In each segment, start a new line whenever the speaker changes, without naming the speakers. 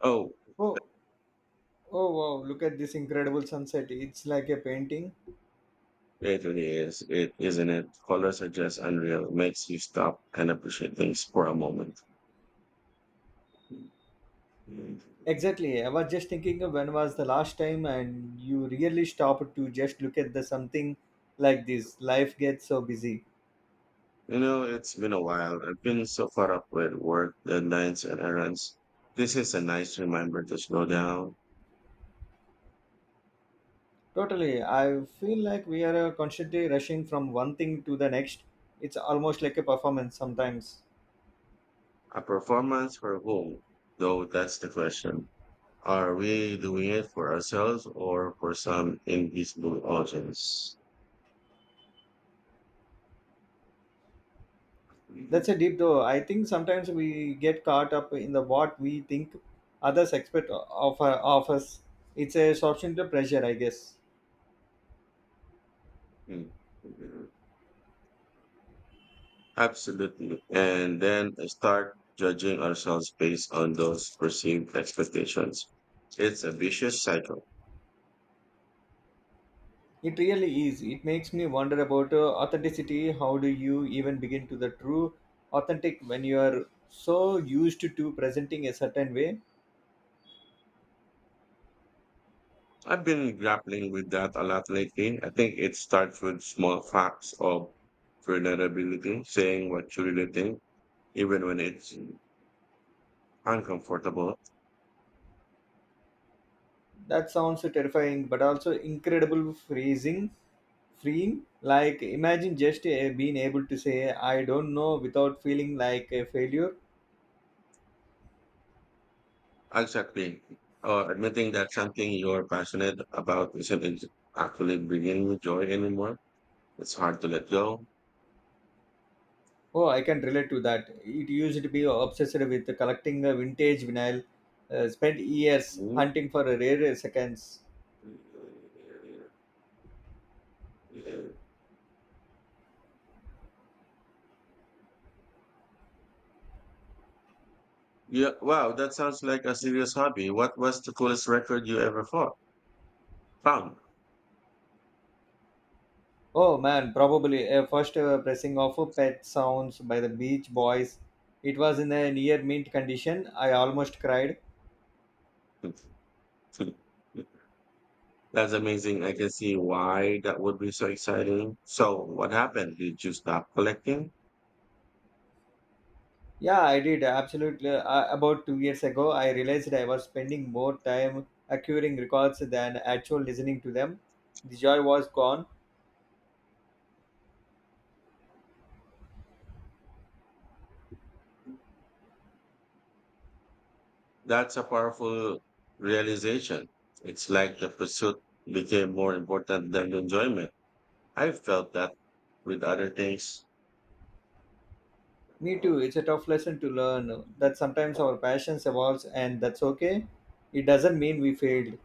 Oh,
Oh, oh wow, look at this incredible sunset. It's like a painting.
it really is. It isn't it. Colors are just unreal. Makes you stop and appreciate things for a moment. You
Exactly. I was just thinking of when was the last time and you really stopped to just look at the something like this. Life gets so busy.
know, it's been a while. I've been so caught up with work, deadlines, and errands. This is a nice reminder to slow down.
Totally. I feel like we are constantly rushing from one thing to the next. It's almost like a performance sometimes.
A performance for whom, though, that's the question. Are we doing it for ourselves or for some invisible audience?
That's a deep though. I think sometimes we get caught up in the what we think others expect of us. It's a substantial pressure, I guess.
Mm. Absolutely. And then start judging ourselves based on those perceived expectations. It's a vicious cycle.
It really is. It makes me wonder about authenticity. How do you even begin to the true authentic when you are so used to presenting a certain way?
I've been grappling with that a lot lately. I think it starts with small facts of vulnerability, saying what you really think, even when it's uncomfortable.
That sounds terrifying, but also incredible phrasing, freeing. Like imagine just being able to say "I don't know" without feeling like a failure.
Exactly. Or admitting that something you're passionate about isn't ex- actually bringing you joy anymore. It's hard to let go.
Oh, I can relate to that. It used to be obsessed with collecting vintage vinyl, spent years
Mhm.
hunting for a rare seconds.
Yeah, wow, that sounds like a serious hobby. What was the coolest record you ever found?
Oh man, probably a first pressing of Pet Sounds by the Beach Boys. It was in a near mint condition. I almost cried.
That's amazing. I can see why that would be so exciting. So, what happened? Did you stop collecting?
Yeah, I did absolutely. About 2 years ago, I realized I was spending more time acquiring records than actual listening to them. The joy was gone.
That's a powerful realization. It's like the pursuit became more important than the enjoyment. I felt that with other things.
Me too. It's a tough lesson to learn that sometimes our passions evolves and that's okay. It doesn't mean we failed.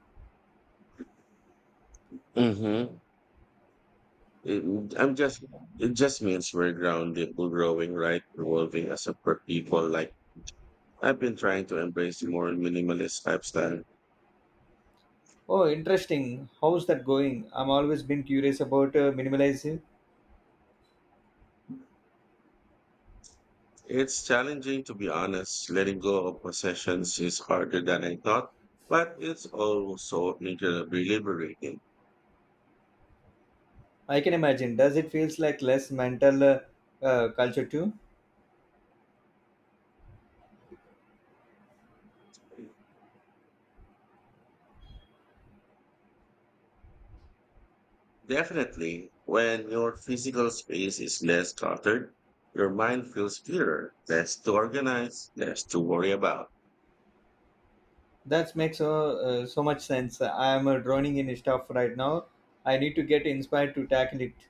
Mm-hmm. It, I'm just, it just means we're grounded, we're growing, right? Evolving as people. Like, I've been trying to embrace a more minimalist lifestyle.
Oh, interesting. How's that going? I'm always been curious about minimalism.
It's challenging, to be honest. Letting go of possessions is harder than I thought, but it's also incredibly liberating.
I can imagine. Does it feels like less mental culture too?
Definitely, when your physical space is less cluttered, your mind feels clearer, less to organize, less to worry about.
That makes so so much sense. I am drowning in stuff right now. I need to get inspired to tackle it.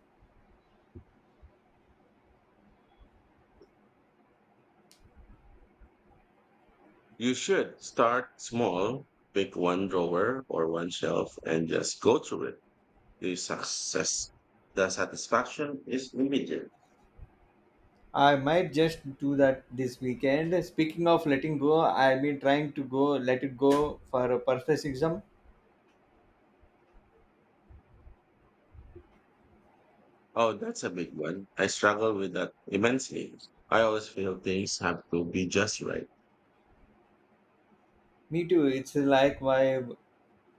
You should start small, pick one drawer or one shelf and just go through it. The success, the satisfaction is immediate.
I might just do that this weekend. Speaking of letting go, I've been trying to go let it go for a perfectionism.
Oh, that's a big one. I struggle with that immensely. I always feel things have to be just right.
Me too. It's like why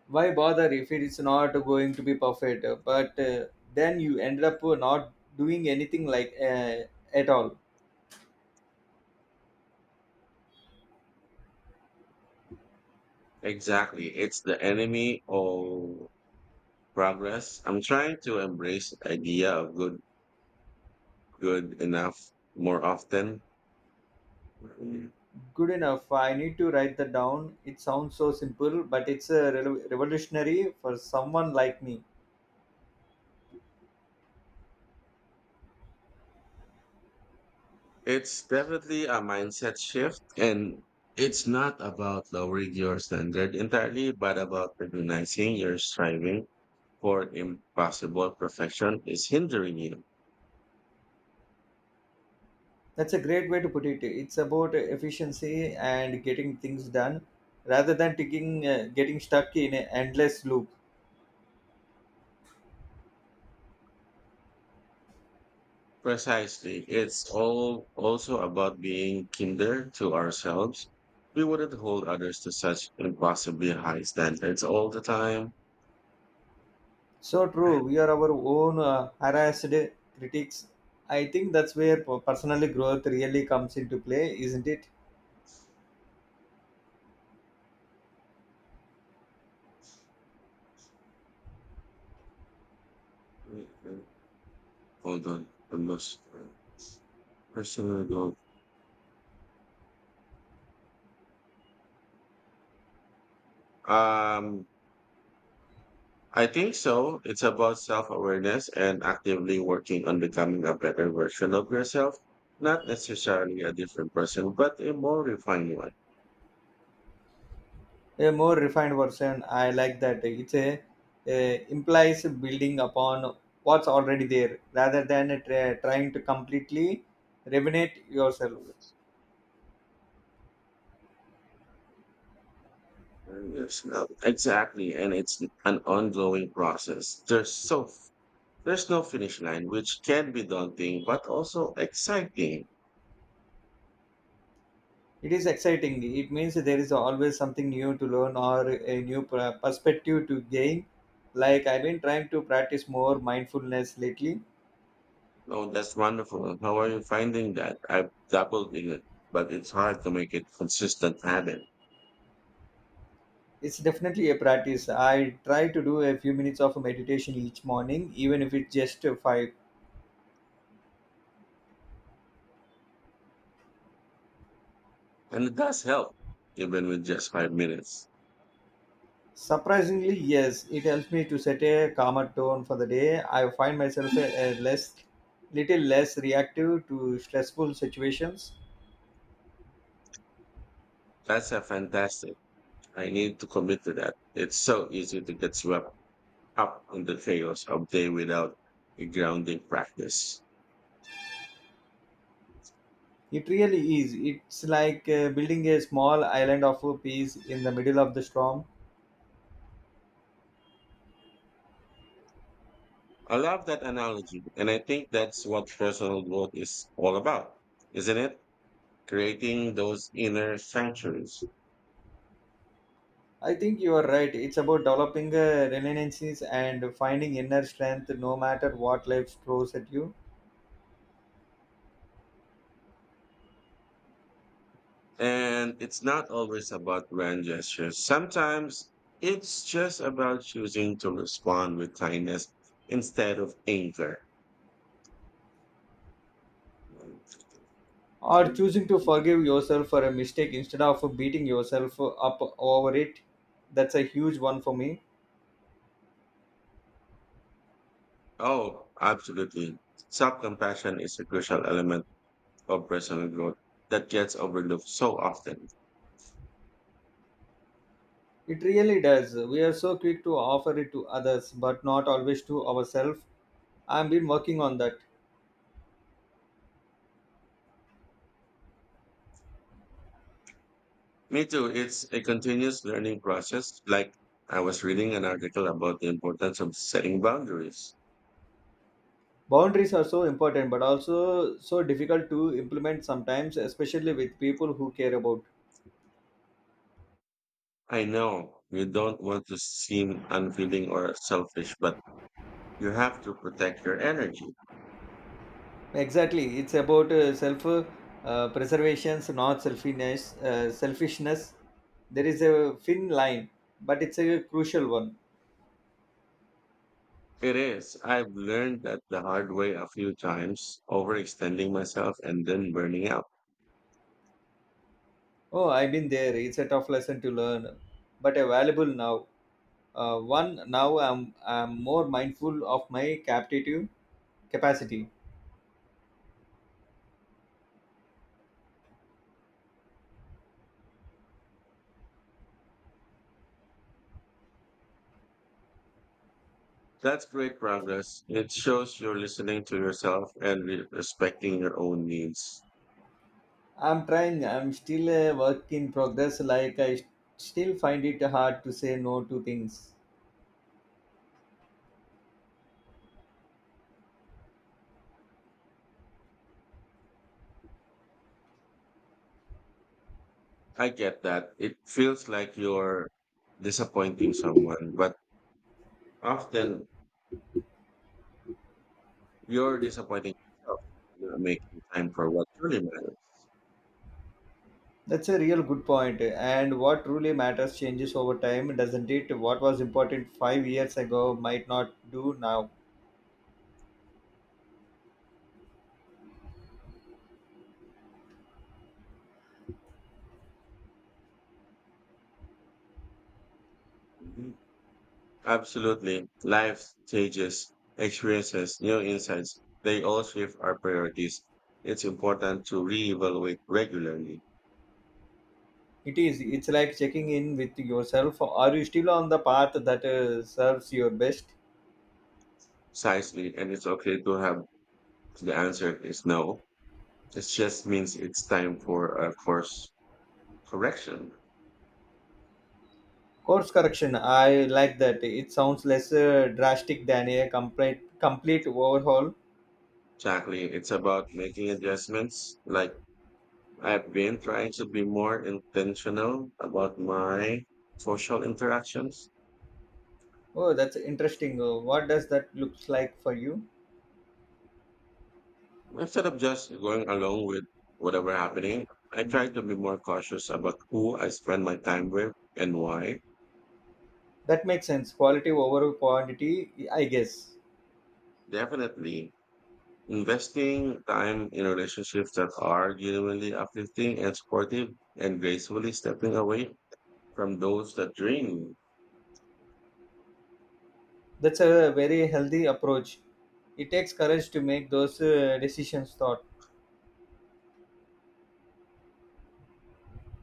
why bother if it's not going to be perfect? But then you end up not doing anything like at all.
Exactly. It's the enemy of progress. I'm trying to embrace the idea of good enough more often.
Good enough. I need to write that down. It sounds so simple, but it's a revolutionary for someone like me.
It's definitely a mindset shift, and it's not about lowering your standard entirely, but about recognizing your striving for impossible perfection is hindering you.
That's a great way to put it. It's about efficiency and getting things done rather than getting stuck in an endless loop.
Precisely. It's all also about being kinder to ourselves. We wouldn't hold others to such impossibly high standards all the time.
So true. We are our own harassed critics. I think that's where personal growth really comes into play, isn't it?
Hold on, the most personal goal. Um, I think so. It's about self-awareness and actively working on becoming a better version of yourself, not necessarily a different person, but a more refined one.
A more refined version, I like that. It's a implies building upon what's already there rather than trying to completely renovate yourself.
Yes, no, exactly, and it's an ongoing process. There's no finish line, which can be daunting, but also exciting.
It is exciting. It means there is always something new to learn or a new perspective to gain. Like I've been trying to practice more mindfulness lately.
Oh, that's wonderful. How are you finding that? I've dabbled in it, but it's hard to make it consistent habit.
It's definitely a practice. I try to do a few minutes of meditation each morning, even if it's just five.
And it does help, even with just 5 minutes.
Surprisingly, yes, it helps me to set a calmer tone for the day. I find myself a less, little less reactive to stressful situations.
That's a fantastic. I need to commit to that. It's so easy to get swept up in the chaos of day without a grounding practice.
It really is. It's like building a small island of peace in the middle of the storm.
I love that analogy, and I think that's what personal growth is all about, isn't it? Creating those inner sanctuaries.
I think you are right. It's about developing resiliencies and finding inner strength no matter what life throws at you.
And it's not always about grand gestures. Sometimes it's just about choosing to respond with kindness instead of anger.
Or choosing to forgive yourself for a mistake instead of beating yourself up over it. That's a huge one for me.
Oh, absolutely. Self compassion is a crucial element of personal growth that gets overlooked so often.
It really does. We are so quick to offer it to others, but not always to ourselves. I've been working on that.
Me too. It's a continuous learning process. Like I was reading an article about the importance of setting boundaries.
Boundaries are so important, but also so difficult to implement sometimes, especially with people who care about.
I know you don't want to seem unfeeling or selfish, but you have to protect your energy.
Exactly, it's about self preservation, not selfishness. Selfishness. There is a thin line, but it's a crucial one.
It is. I've learned that the hard way a few times, overextending myself and then burning out.
Oh, I've been there. It's a tough lesson to learn, but a valuable now. One now I'm more mindful of my captive capacity.
That's great progress. It shows you're listening to yourself and respecting your own needs.
I'm trying. I'm still a work in progress. Like still find it hard to say no to things.
I get that. It feels like you're disappointing someone, but often you're disappointing yourself by not making time for what truly matters.
That's a real good point. And what truly matters changes over time, doesn't it? What was important 5 years ago might not do now.
Mm-hmm. Absolutely. Life stages, experiences, new insights, they all shift our priorities. It's important to reevaluate regularly,
It is. It's like checking in with yourself. Are you still on the path that serves your best?
precisely, and it's okay to have the answer is no. It just means it's time for a course correction.
Course correction. I like that. It sounds less drastic than a complete overhaul.
Exactly. It's about making adjustments. Like I've been trying to be more intentional about my social interactions.
Oh, that's interesting. What does that looks like for you?
Instead of just going along with whatever happening, I try to be more cautious about who I spend my time with and why.
That makes sense. Quality over quantity, I guess.
Definitely, investing time in relationships that are genuinely uplifting and supportive and gracefully stepping away from those that drain you.
That's a very healthy approach. It takes courage to make those decisions. Thought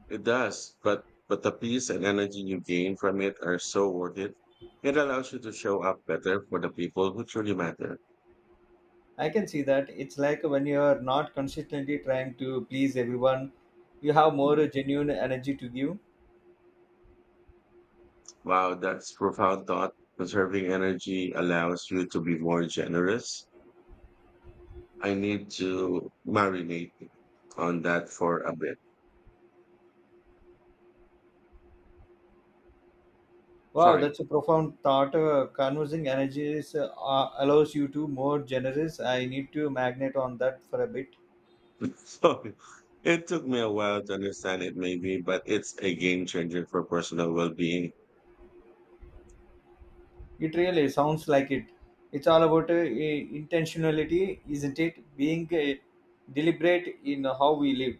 It does, but the peace and energy you gain from it are so worth it. It allows you to show up better for the people who truly matter.
I can see that. It's like when you are not consistently trying to please everyone, you have more genuine energy to give.
Wow, that's profound thought. Conserving energy allows you to be more generous. I need to marinate on that for a bit.
Wow,
Sorry.
that's a profound thought. Conversing energies allows you to more generous. I need to magnate on that for a bit.
Sorry. It took me a while to understand it, maybe, but it's a game changer for personal well being.
It really sounds like it. It's all about intentionality, isn't it? Being deliberate in how we live.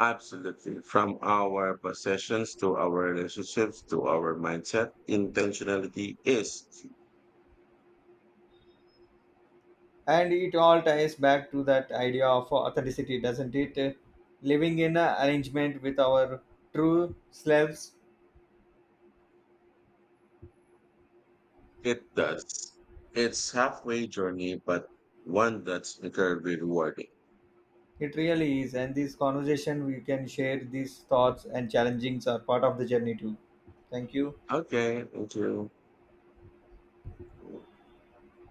Absolutely. From our possessions to our relationships to our mindset, intentionality is.
And it all ties back to that idea of authenticity, doesn't it? Living in arrangement with our true selves.
It does. It's halfway journey, but one that's incredibly rewarding.
It really is. And this conversation, we can share these thoughts and challengings are part of the journey too. Thank you.
Okay, thank you.